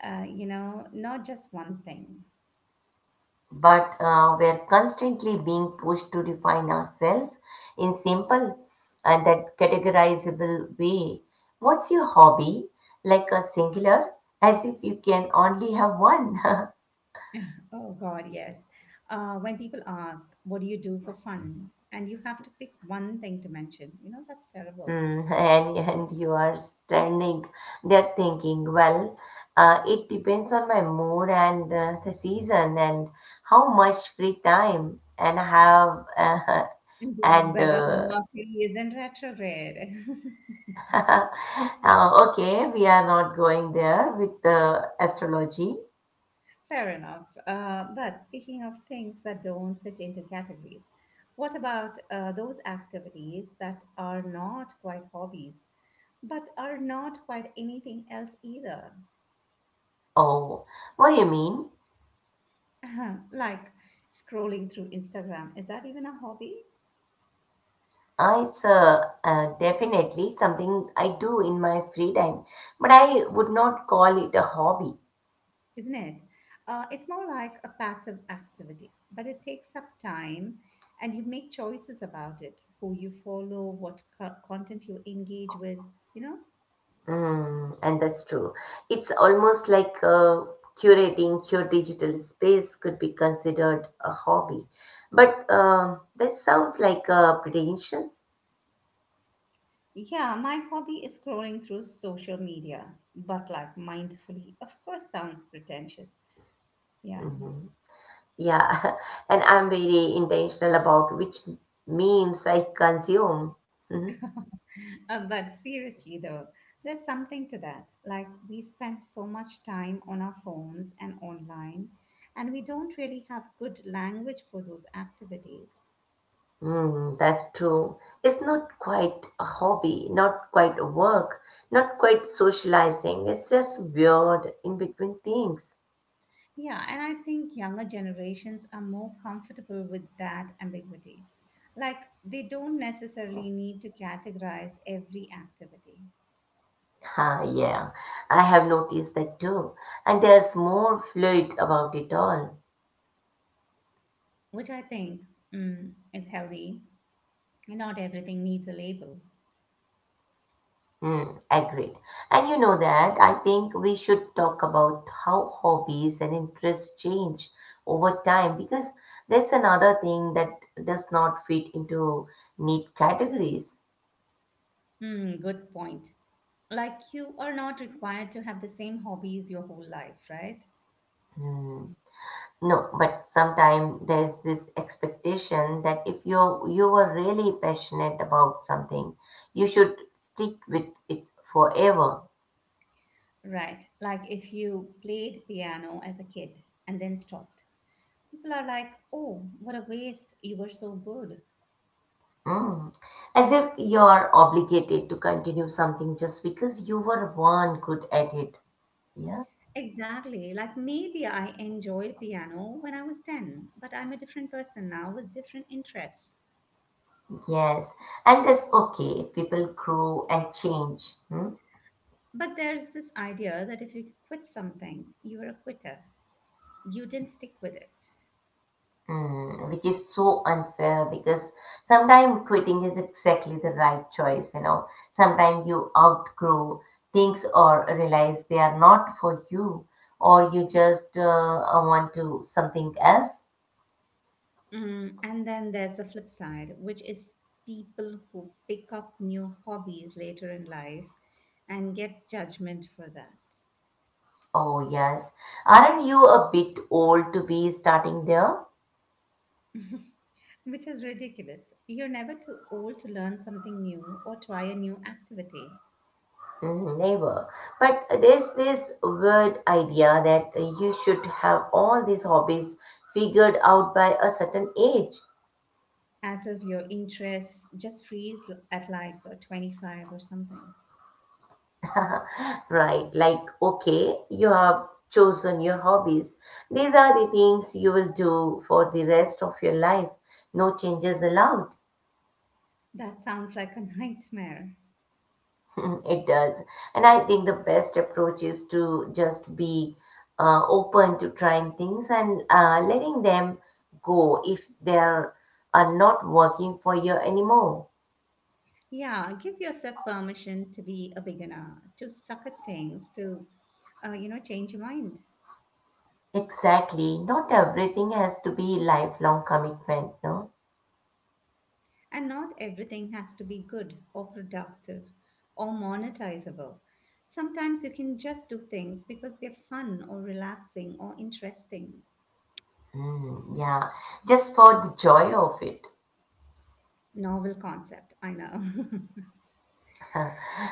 Speaker 1: uh, you know, not just one thing.
Speaker 2: but uh, we're constantly being pushed to define ourselves in simple and that categorizable way. What's your hobby? Like a singular, as if you can only have one.
Speaker 1: Oh God, yes. Uh, when people ask, "What do you do for fun?" and you have to pick one thing to mention, you know that's terrible.
Speaker 2: Mm, and, and you are standing there thinking, well, uh, it depends on my mood and uh, the season and how much free time and I have. Uh,
Speaker 1: And
Speaker 2: and
Speaker 1: whether
Speaker 2: uh,
Speaker 1: Mercury is in retrograde.
Speaker 2: uh, okay, we are not going there with the astrology.
Speaker 1: Fair enough. Uh, but speaking of things that don't fit into categories, what about uh, those activities that are not quite hobbies, but are not quite anything else either?
Speaker 2: Oh, what do you mean?
Speaker 1: Like scrolling through Instagram. Is that even a hobby?
Speaker 2: Uh, it's uh, uh, definitely something I do in my free time, but I would not call it a hobby.
Speaker 1: Isn't it? Uh, it's more like a passive activity, but it takes up time and you make choices about it: who you follow, what co- content you engage with, you know?
Speaker 2: Mm, and that's true. It's almost like uh, curating your digital space could be considered a hobby. But um that sounds like uh, pretentious.
Speaker 1: Yeah, my hobby is scrolling through social media, but like mindfully, of course, sounds pretentious. Yeah.
Speaker 2: hmm Yeah, and I'm very intentional about which memes I consume. Mhm.
Speaker 1: Uh, but seriously, though, there's something to that. Like, we spend so much time on our phones and online, and we don't really have good language for those activities.
Speaker 2: Mm, that's true. It's not quite a hobby, not quite a work, not quite socializing. It's just weird in between things.
Speaker 1: Yeah, and I think younger generations are more comfortable with that ambiguity. Like, they don't necessarily need to categorize every activity,
Speaker 2: Ah, yeah, I have noticed that too. And there's more fluid about it all.
Speaker 1: which I think mm, is healthy. Not everything needs a label.
Speaker 2: Hmm, agreed. And you know that I think we should talk about how hobbies and interests change over time because that's another thing that does not fit into neat categories.
Speaker 1: Mm, good point. Like, you are not required to have the same hobbies your whole life, right?
Speaker 2: Hmm. No, but sometimes there's this expectation that if you you were really passionate about something, you should stick with it forever.
Speaker 1: Right. Like, if you played piano as a kid and then stopped, people are like, oh, what a waste. You were so good.
Speaker 2: Mm. As if you're obligated to continue something just because you were one good at it. Yeah.
Speaker 1: Exactly. Like maybe I enjoyed piano when I was ten, but I'm a different person now with different interests.
Speaker 2: Yes. And that's okay. People grow and change. Hmm?
Speaker 1: But there's this idea that if you quit something, you're a quitter. You didn't stick with it.
Speaker 2: Mm. Which is so unfair because sometimes quitting is exactly the right choice, you know. Sometimes you outgrow things or realize they are not for you or you just uh, want to something else.
Speaker 1: Mm, and then there's the flip side, which is people who pick up new hobbies later in life and get judgment for that,
Speaker 2: Oh, yes. Aren't you a bit old to be starting there?
Speaker 1: which is ridiculous. You're never too old to learn something new or try a new activity.
Speaker 2: Mm, never. But there's this weird idea that you should have all these hobbies figured out by a certain age.
Speaker 1: As if your interests just freeze at like uh, twenty-five or something.
Speaker 2: Right, like, okay, you have chosen your hobbies. These are the things you will do for the rest of your life. No changes allowed.
Speaker 1: That sounds like a nightmare.
Speaker 2: Mm, it does. And I think the best approach is to just be uh, open to trying things and uh, letting them go if they are, are not working for you anymore.
Speaker 1: Yeah, give yourself permission to be a beginner, to suck at things, to, uh, you know, change your mind.
Speaker 2: Exactly. Not everything has to be lifelong commitment, no?
Speaker 1: And not everything has to be good or productive or monetizable. Sometimes you can just do things because they're fun or relaxing or interesting.
Speaker 2: Mm, yeah. Just for the joy of it.
Speaker 1: Novel concept, I know.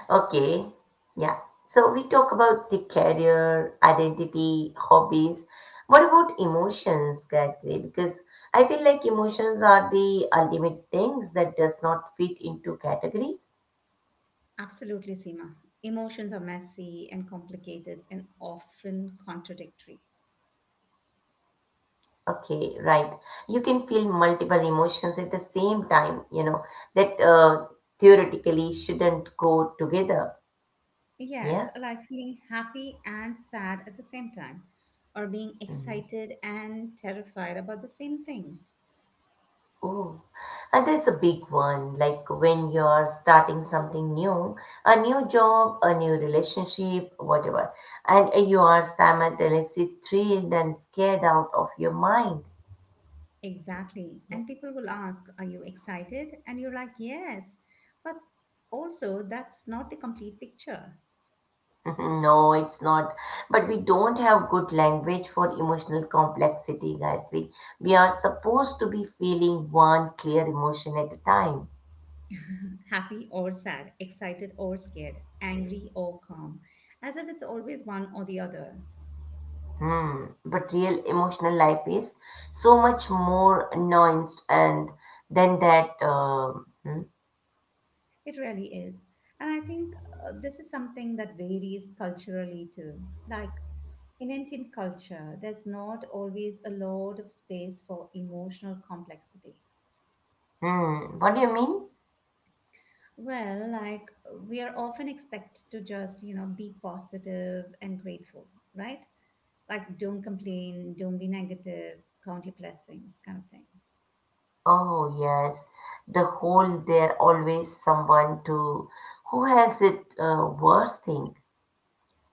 Speaker 2: Okay, yeah. So we talk about the career, identity, hobbies. What about emotions, Gayatri? Because I feel like emotions are the ultimate things that does not fit into categories.
Speaker 1: Absolutely, Seema. Emotions are messy and complicated and often contradictory.
Speaker 2: Okay, right. You can feel multiple emotions at the same time, you know, that uh, theoretically shouldn't go together.
Speaker 1: Yes,
Speaker 2: Yeah.
Speaker 1: like feeling happy and sad at the same time, or being
Speaker 2: Mm-hmm.
Speaker 1: excited and terrified about the same thing.
Speaker 2: Oh, and that's a big one. Like when you're starting something new, a new job, a new relationship, whatever, and you are simultaneously thrilled and scared out of your mind.
Speaker 1: Exactly.
Speaker 2: Yeah.
Speaker 1: And people will ask, "Are you excited?" And you're like, "Yes." But also, that's not the complete picture.
Speaker 2: No, it's not. But we don't have good language for emotional complexity, Gayatri. We are supposed to be feeling one clear emotion at a time.
Speaker 1: Happy or sad, excited or scared, angry or calm, as if it's always one or the other.
Speaker 2: Hmm, but real emotional life is so much more nuanced and than that. um hmm,
Speaker 1: It really is. And I think uh, this is something that varies culturally too. Like in Indian culture, there's not always a lot of space for emotional complexity.
Speaker 2: hmm, what do you mean?
Speaker 1: Well, like we are often expected to just, you know, be positive and grateful, right? Like don't complain, don't be negative, count your blessings, kind of thing.
Speaker 2: Oh yes, the whole there always someone to who has it uh, worse thing.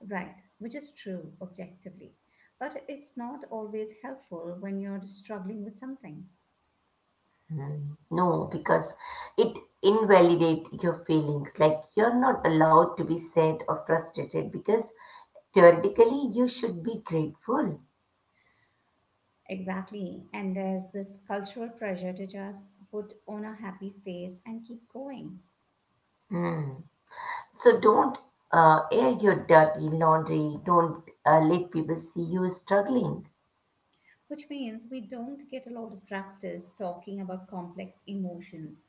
Speaker 1: Right, which is true objectively. But it's not always helpful when you're struggling with something.
Speaker 2: Hmm, no, because it invalidate your feelings. Like you're not allowed to be sad or frustrated because theoretically you should be grateful.
Speaker 1: Exactly. And there's this cultural pressure to just put on a happy face and keep going,
Speaker 2: Hmm. So don't uh, air your dirty laundry. Don't uh, let people see you struggling.
Speaker 1: which means we don't get a lot of practice talking about complex emotions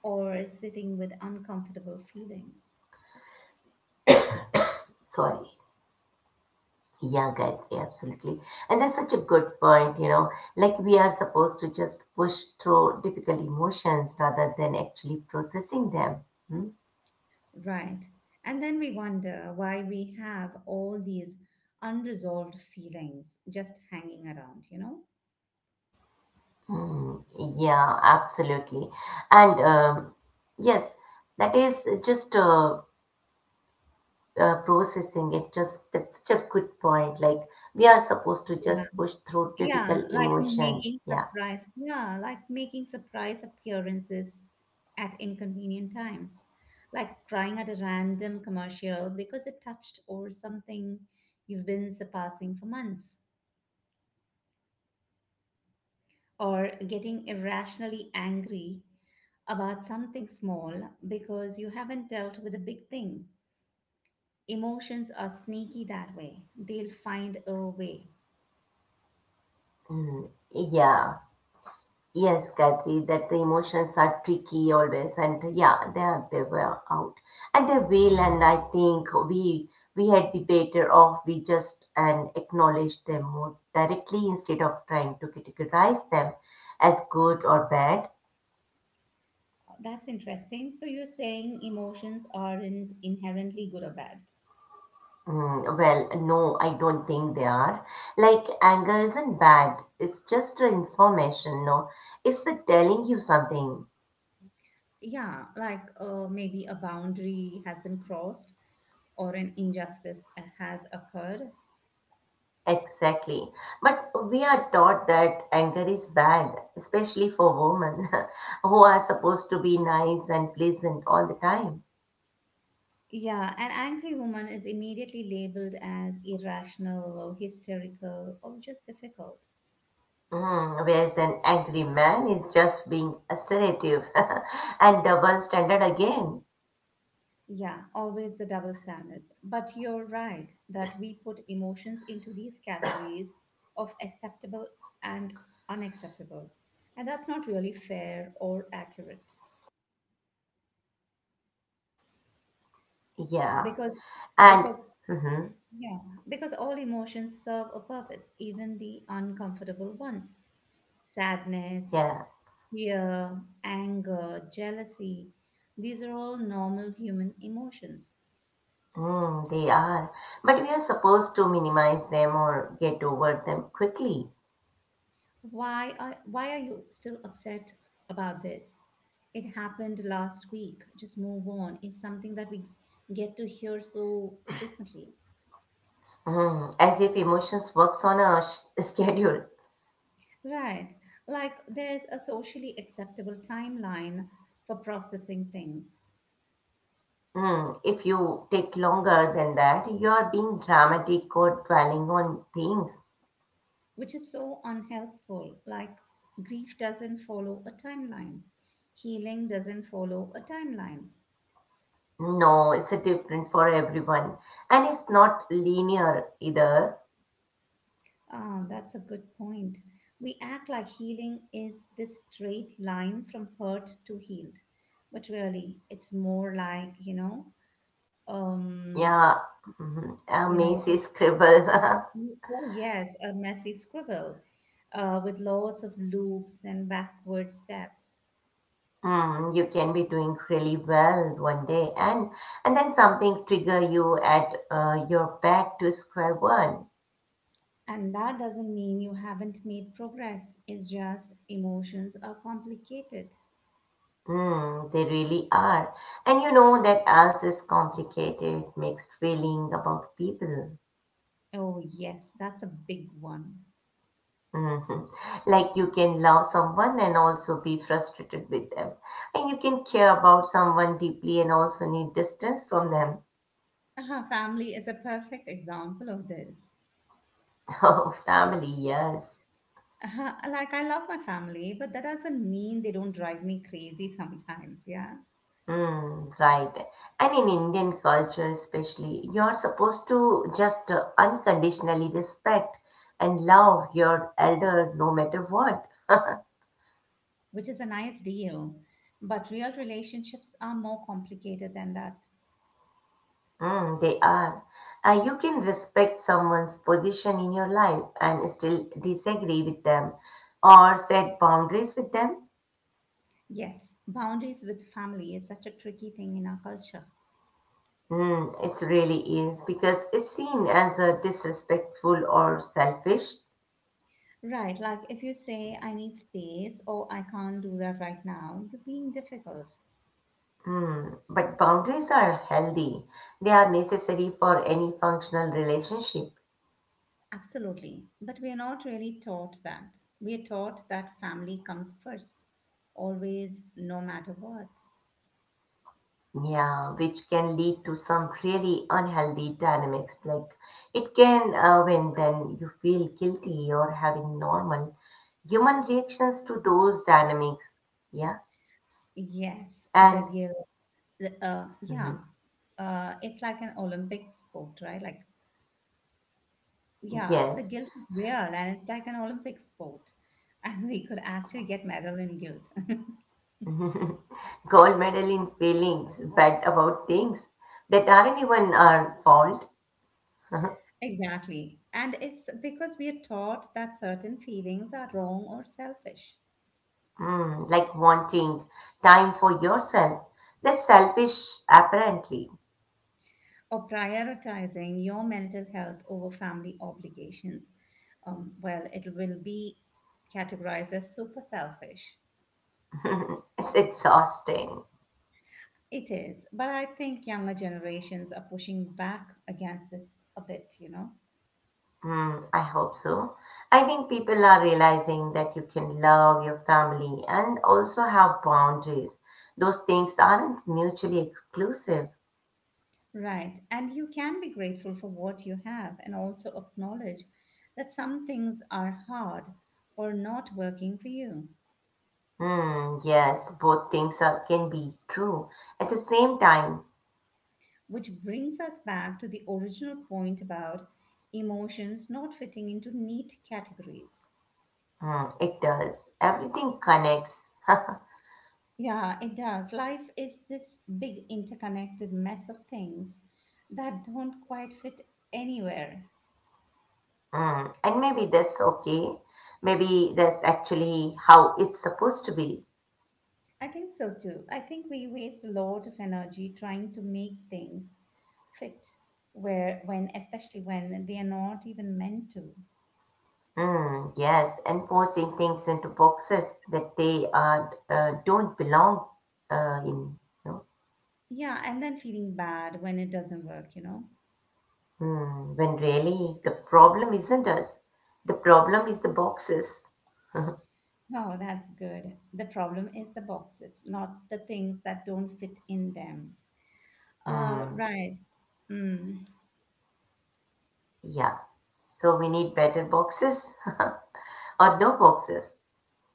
Speaker 1: or sitting with uncomfortable feelings.
Speaker 2: Sorry. Yeah, guys, absolutely. And that's such a good point, you know. Like we are supposed to just push through difficult emotions rather than actually processing them. Hmm?
Speaker 1: Right. And then we wonder why we have all these unresolved feelings just hanging around, you know?
Speaker 2: Hmm. Yeah, absolutely. And um, yes, that is just uh, uh, processing it just that's such a good point like we are supposed to just push through
Speaker 1: Yeah,
Speaker 2: difficult
Speaker 1: like
Speaker 2: emotions
Speaker 1: making
Speaker 2: yeah.
Speaker 1: surprise, yeah, like making surprise appearances at inconvenient times, like crying at a random commercial because it touched or something you've been surpassing for months, or getting irrationally angry about something small because you haven't dealt with a big thing. Emotions are sneaky that way. They'll find a way.
Speaker 2: Mm, yeah, yes Kathy that the emotions are tricky always and yeah they are they were out and they will. And I think we we had be better off we just and acknowledge them more directly instead of trying to categorize them as good or bad.
Speaker 1: That's interesting. So you're saying emotions aren't inherently good or bad.
Speaker 2: Mm, well, no, I don't think they are. Like, anger isn't bad. It's just a information, no? It's a telling you something.
Speaker 1: Yeah, like uh, maybe a boundary has been crossed or an injustice uh, has occurred.
Speaker 2: Exactly. But we are taught that anger is bad, especially for women who are supposed to be nice and pleasant all the time.
Speaker 1: Yeah, an angry woman is immediately labeled as irrational or hysterical or just difficult.
Speaker 2: Mm, whereas an angry man is just being assertive and double standard again.
Speaker 1: Yeah, always the double standards, but you're right that we put emotions into these categories of acceptable and unacceptable, and that's not really fair or accurate.
Speaker 2: Yeah.
Speaker 1: because
Speaker 2: And,
Speaker 1: because
Speaker 2: hmm
Speaker 1: yeah, because all emotions serve a purpose, even the uncomfortable ones. Sadness,
Speaker 2: yeah.
Speaker 1: fear, anger, jealousy, these are all normal human emotions.
Speaker 2: Mm, they are. But we are supposed to minimize them or get over them quickly.
Speaker 1: Why are, why are you still upset about this? It happened last week. Just move on is something that we get to hear so frequently.
Speaker 2: Mm, as if emotions works on a sh- schedule.
Speaker 1: Right. Like there's a socially acceptable timeline for processing things,
Speaker 2: Mm, if you take longer than that, you are being dramatic or dwelling on things.
Speaker 1: which is so unhelpful. Like, grief doesn't follow a timeline, healing doesn't follow a timeline.
Speaker 2: No, it's a different for everyone. And it's not linear either.
Speaker 1: Ah, that's a good point. We act like healing is this straight line from hurt to healed, but really, it's more like you know, um,
Speaker 2: Yeah, mhm, a
Speaker 1: you know,
Speaker 2: messy
Speaker 1: it's
Speaker 2: scribble.
Speaker 1: oh yes, a messy scribble uh, with lots of loops and backward steps.
Speaker 2: Hmm, you can be doing really well one day and and then something trigger you at uh, your back to square one.
Speaker 1: And that doesn't mean you haven't made progress, it's just emotions are complicated.
Speaker 2: Hmm, they really are. And you know that else is complicated, mixed feeling about people.
Speaker 1: Oh, yes, that's a big one.
Speaker 2: Mhm. Like you can love someone and also be frustrated with them. And you can care about someone deeply and also need distance from them.
Speaker 1: Uh, family is a perfect example of this.
Speaker 2: Oh, family, yes.
Speaker 1: Uh, like, I love my family, but that doesn't mean they don't drive me crazy sometimes, yeah?
Speaker 2: Hmm, right. And in Indian culture, especially, you're supposed to just uh, unconditionally respect and love your elder no matter what.
Speaker 1: Which is a nice deal. But real relationships are more complicated than that.
Speaker 2: Mm, they are. Uh, you can respect someone's position in your life and still disagree with them or set boundaries with them.
Speaker 1: Yes, boundaries with family is such a tricky thing in our culture.
Speaker 2: Mm, it really is because it's seen as a disrespectful or selfish.
Speaker 1: Right, like if you say, I need space or I can't do that right now, you're being difficult.
Speaker 2: Hmm, but boundaries are healthy. They are necessary for any functional relationship.
Speaker 1: Absolutely. But we are not really taught that. We are taught that family comes first, always, no matter what.
Speaker 2: Yeah, which can lead to some really unhealthy dynamics. Like it can, uh, when then you feel guilty or having normal human reactions to those dynamics. Yeah,
Speaker 1: Yes, the
Speaker 2: and
Speaker 1: guilt. The, uh, yeah,
Speaker 2: mhm,
Speaker 1: uh, it's like an Olympic sport, right? Like yeah, the
Speaker 2: yes,
Speaker 1: guilt is real and it's like an Olympic sport. And we could actually get medal in guilt.
Speaker 2: gold medal in feelings, but about things that aren't even our fault.
Speaker 1: Exactly. And it's because we are taught that certain feelings are wrong or selfish,
Speaker 2: Mm, like wanting time for yourself. That's selfish, apparently.
Speaker 1: or prioritizing your mental health over family obligations. Um, well, it will be categorized as super selfish.
Speaker 2: It's exhausting.
Speaker 1: It is, but I think younger generations are pushing back against this a bit, you know?
Speaker 2: Hmm, I hope so. I think people are realizing that you can love your family and also have boundaries. Those things aren't mutually exclusive.
Speaker 1: Right. And you can be grateful for what you have and also acknowledge that some things are hard or not working for you.
Speaker 2: Hmm, yes, both things are, can be true. At the same time,
Speaker 1: Which brings us back to the original point about emotions not fitting into neat categories.
Speaker 2: hmm, it does. Everything connects.
Speaker 1: Yeah, it does. Life is this big interconnected mess of things that don't quite fit anywhere.
Speaker 2: Mm, and maybe that's okay. Maybe that's actually how it's supposed to be.
Speaker 1: I think so too. I think we waste a lot of energy trying to make things fit where when especially when they are not even meant to.
Speaker 2: Mm, yes, and forcing things into boxes that they are, uh, don't belong uh, in. No?
Speaker 1: Yeah, and then feeling bad when it doesn't work, you know.
Speaker 2: Mm, when really the problem isn't us, the problem is the boxes.
Speaker 1: Oh, that's good. The problem is the boxes, not the things that don't fit in them. Uh,
Speaker 2: Mm,
Speaker 1: right. Mm.
Speaker 2: yeah, so we need better boxes or no boxes.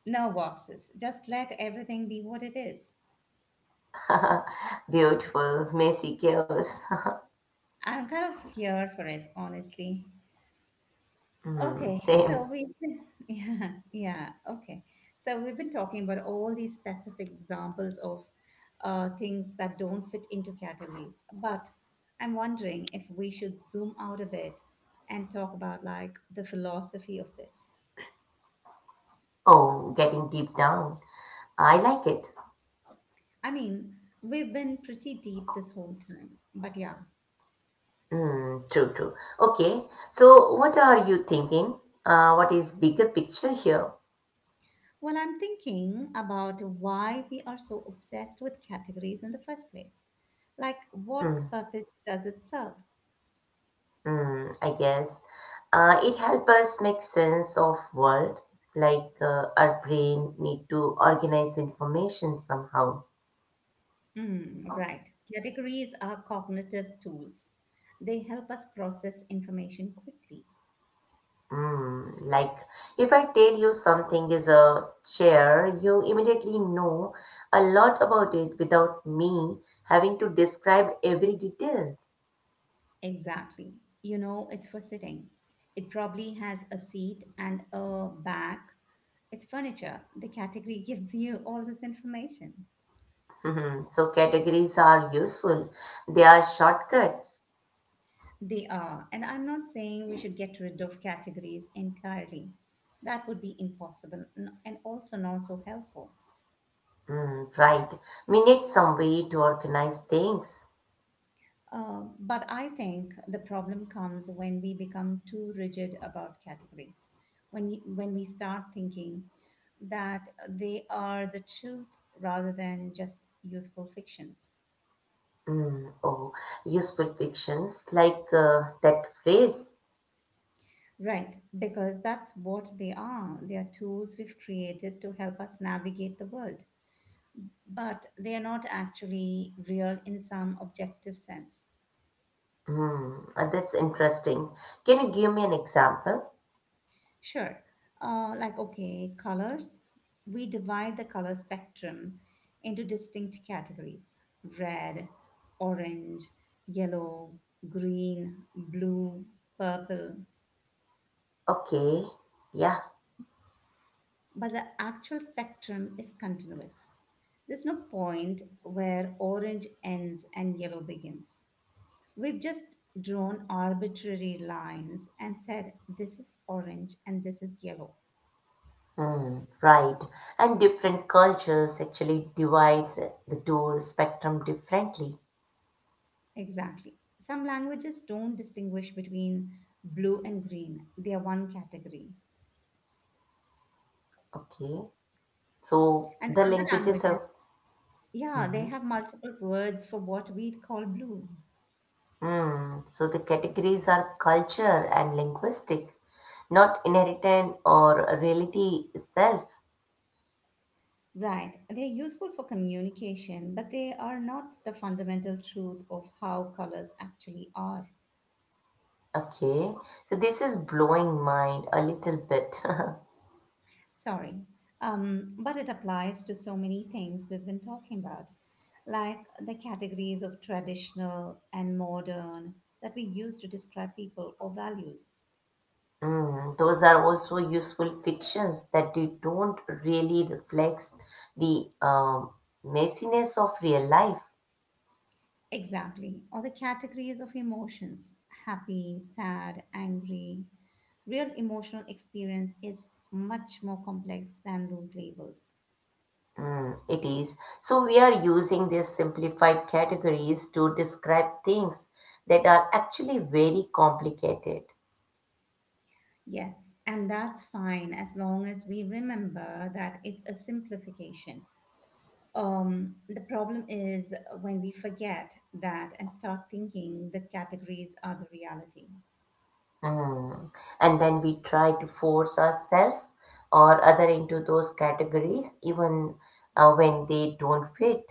Speaker 1: No boxes. Just let everything be what it is.
Speaker 2: Beautiful, messy chaos.
Speaker 1: I'm kind of here for it, honestly.
Speaker 2: Mm,
Speaker 1: Okay, so
Speaker 2: same.
Speaker 1: we've been, yeah, yeah, okay. So we've been talking about all these specific examples of uh, things that don't fit into categories. But I'm wondering if we should zoom out a bit and talk about like the philosophy of this.
Speaker 2: Oh, getting deep down. I like it.
Speaker 1: I mean, we've been pretty deep this whole time, but yeah.
Speaker 2: Mm, true, true. Okay, so what are you thinking? Uh, what is bigger picture here?
Speaker 1: Well, I'm thinking about why we are so obsessed with categories in the first place. Like, what
Speaker 2: Mm,
Speaker 1: purpose does it serve?
Speaker 2: mm, I guess uh, it helps us make sense of world. Like uh, our brain need to organize information somehow.
Speaker 1: Mm, right. Categories are cognitive tools. They help us process information quickly.
Speaker 2: Mm, like if I tell you something is a chair, you immediately know a lot about it without me having to describe every detail.
Speaker 1: Exactly. You know, it's for sitting. It probably has a seat and a back. It's furniture. The category gives you all this information.
Speaker 2: Mhm. So categories are useful. They are shortcuts.
Speaker 1: They are. And I'm not saying we should get rid of categories entirely. That would be impossible n- and also not so helpful.
Speaker 2: Mm, right. We need some way to organize things.
Speaker 1: Um, but I think the problem comes when we become too rigid about categories. When you, when we start thinking that they are the truth rather than just useful fictions.
Speaker 2: Mm, oh, useful fictions like uh, that phrase.
Speaker 1: Right, because that's what they are. They are tools we've created to help us navigate the world, but they are not actually real in some objective sense.
Speaker 2: Mm, uh, that's interesting. Can you give me an example?
Speaker 1: Sure. Uh, like, okay, colors. We divide the color spectrum into distinct categories: red, orange, yellow, green, blue, purple.
Speaker 2: Okay. Yeah.
Speaker 1: But the actual spectrum is continuous. There's no point where orange ends and yellow begins. We've just drawn arbitrary lines and said this is orange and this is yellow.
Speaker 2: Mm, right. And different cultures actually divides the two spectrum differently.
Speaker 1: Exactly. Some languages don't distinguish between blue and green, they are one category.
Speaker 2: Okay. So
Speaker 1: And
Speaker 2: the
Speaker 1: other
Speaker 2: languages
Speaker 1: languages,
Speaker 2: have.
Speaker 1: yeah, they
Speaker 2: Mhm.
Speaker 1: have multiple words for what we'd call blue.
Speaker 2: Hmm, so the categories are culture and linguistic, not inheritance or reality itself.
Speaker 1: Right. They're useful for communication, but they are not the fundamental truth of how colors actually are.
Speaker 2: Okay, so this is blowing mind a little bit.
Speaker 1: Sorry. Um, but it applies to so many things we've been talking about, like the categories of traditional and modern that we use to describe people or values.
Speaker 2: Hmm, those are also useful fictions that they don't really reflect the um, messiness of real life.
Speaker 1: Exactly. Or the categories of emotions: happy, sad, angry. Real emotional experience is much more complex than those labels.
Speaker 2: Mm, it is. So we are using these simplified categories to describe things that are actually very complicated.
Speaker 1: Yes, and that's fine as long as we remember that it's a simplification, um, the problem is when we forget that and start thinking the categories are the reality.
Speaker 2: Mm. And then we try to force ourselves or other into those categories even uh, when they don't fit.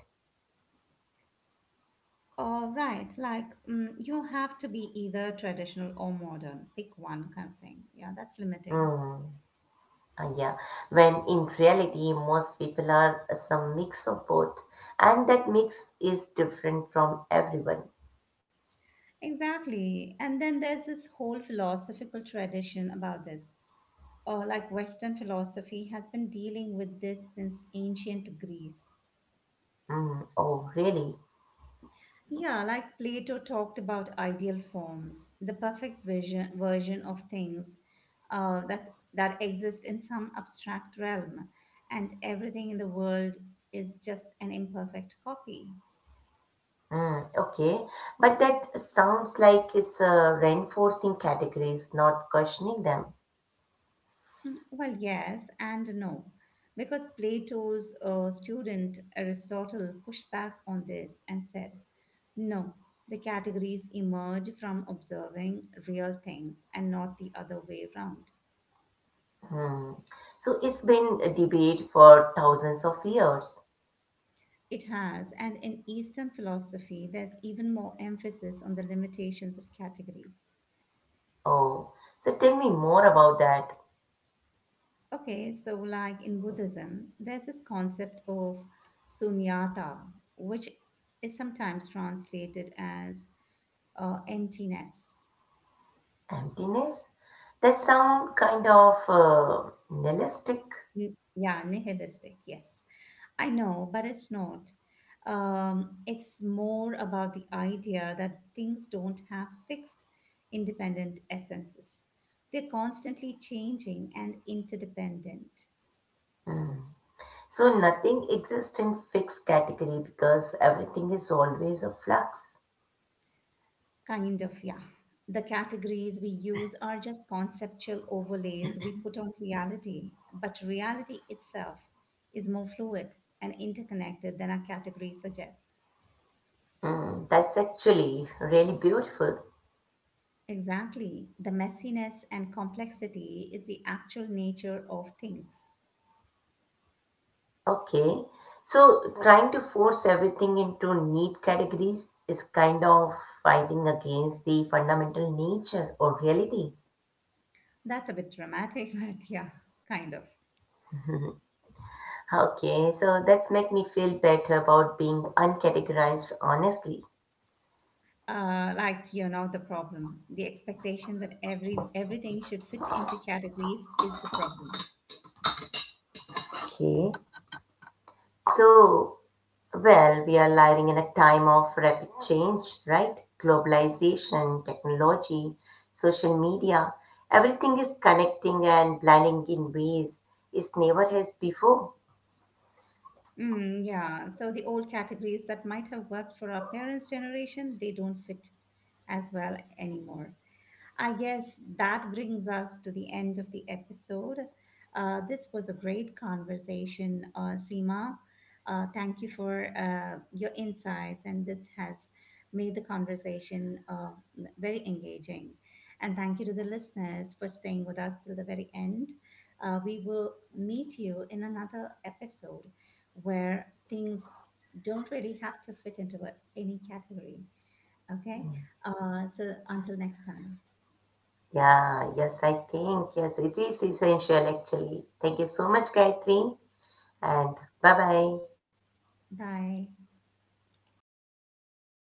Speaker 1: All right, like mm, you have to be either traditional or modern, pick one kind of thing. Yeah, that's limiting.
Speaker 2: Mm. Uh, yeah, when in reality most people are uh, some mix of both, and that mix is different from everyone.
Speaker 1: Exactly. And then there's this whole philosophical tradition about this. Or like Western philosophy has been dealing with this since ancient Greece.
Speaker 2: Mm. Oh, really?
Speaker 1: Yeah, like Plato talked about ideal forms, the perfect version version of things uh, that that exist in some abstract realm, and everything in the world is just an imperfect copy.
Speaker 2: Mm. Okay, but that sounds like it's uh, reinforcing categories, not questioning them.
Speaker 1: Mm, well, yes and no, because Plato's uh, student Aristotle pushed back on this and said, no, the categories emerge from observing real things and not the other way around.
Speaker 2: Hmm. So it's been a debate for thousands of years.
Speaker 1: It has, and in Eastern philosophy, there's even more emphasis on the limitations of categories.
Speaker 2: Oh, so tell me more about that
Speaker 1: Okay, so like in Buddhism, there's this concept of sunyata, which is sometimes translated as uh, emptiness.
Speaker 2: emptiness. That sound kind of uh, nihilistic.
Speaker 1: N- Yeah, nihilistic, yes. I know, but it's not. Um, it's more about the idea that things don't have fixed independent essences. They're constantly changing and interdependent.
Speaker 2: Hmm. So nothing exists in fixed category because everything is always a flux.
Speaker 1: Kind of, yeah. The categories we use are just conceptual overlays we put on reality, but reality itself is more fluid and interconnected than our categories suggest.
Speaker 2: Hmm, that's actually really beautiful.
Speaker 1: Exactly. The messiness and complexity is the actual nature of things.
Speaker 2: Okay, so trying to force everything into neat categories is kind of fighting against the fundamental nature or reality.
Speaker 1: That's a bit dramatic, but yeah, kind of.
Speaker 2: Okay, so that's make me feel better about being uncategorized honestly.
Speaker 1: Uh, like you know the problem. The expectation that every everything should fit into categories is the problem.
Speaker 2: Okay. So, well, we are living in a time of rapid change, right? Globalization, technology, social media, everything is connecting and blending in ways it never has before.
Speaker 1: Mm, yeah. So the old categories that might have worked for our parents' generation, they don't fit as well anymore. I guess that brings us to the end of the episode. Uh, this was a great conversation, uh, Seema. Uh, thank you for uh, your insights, and this has made the conversation uh, very engaging. And thank you to the listeners for staying with us till the very end. Uh, we will meet you in another episode where things don't really have to fit into a- any category. Okay? Uh, so until next time.
Speaker 2: Yeah, yes, I think, yes, it is essential actually. Thank you so much, Gayatri, and bye bye.
Speaker 1: Bye.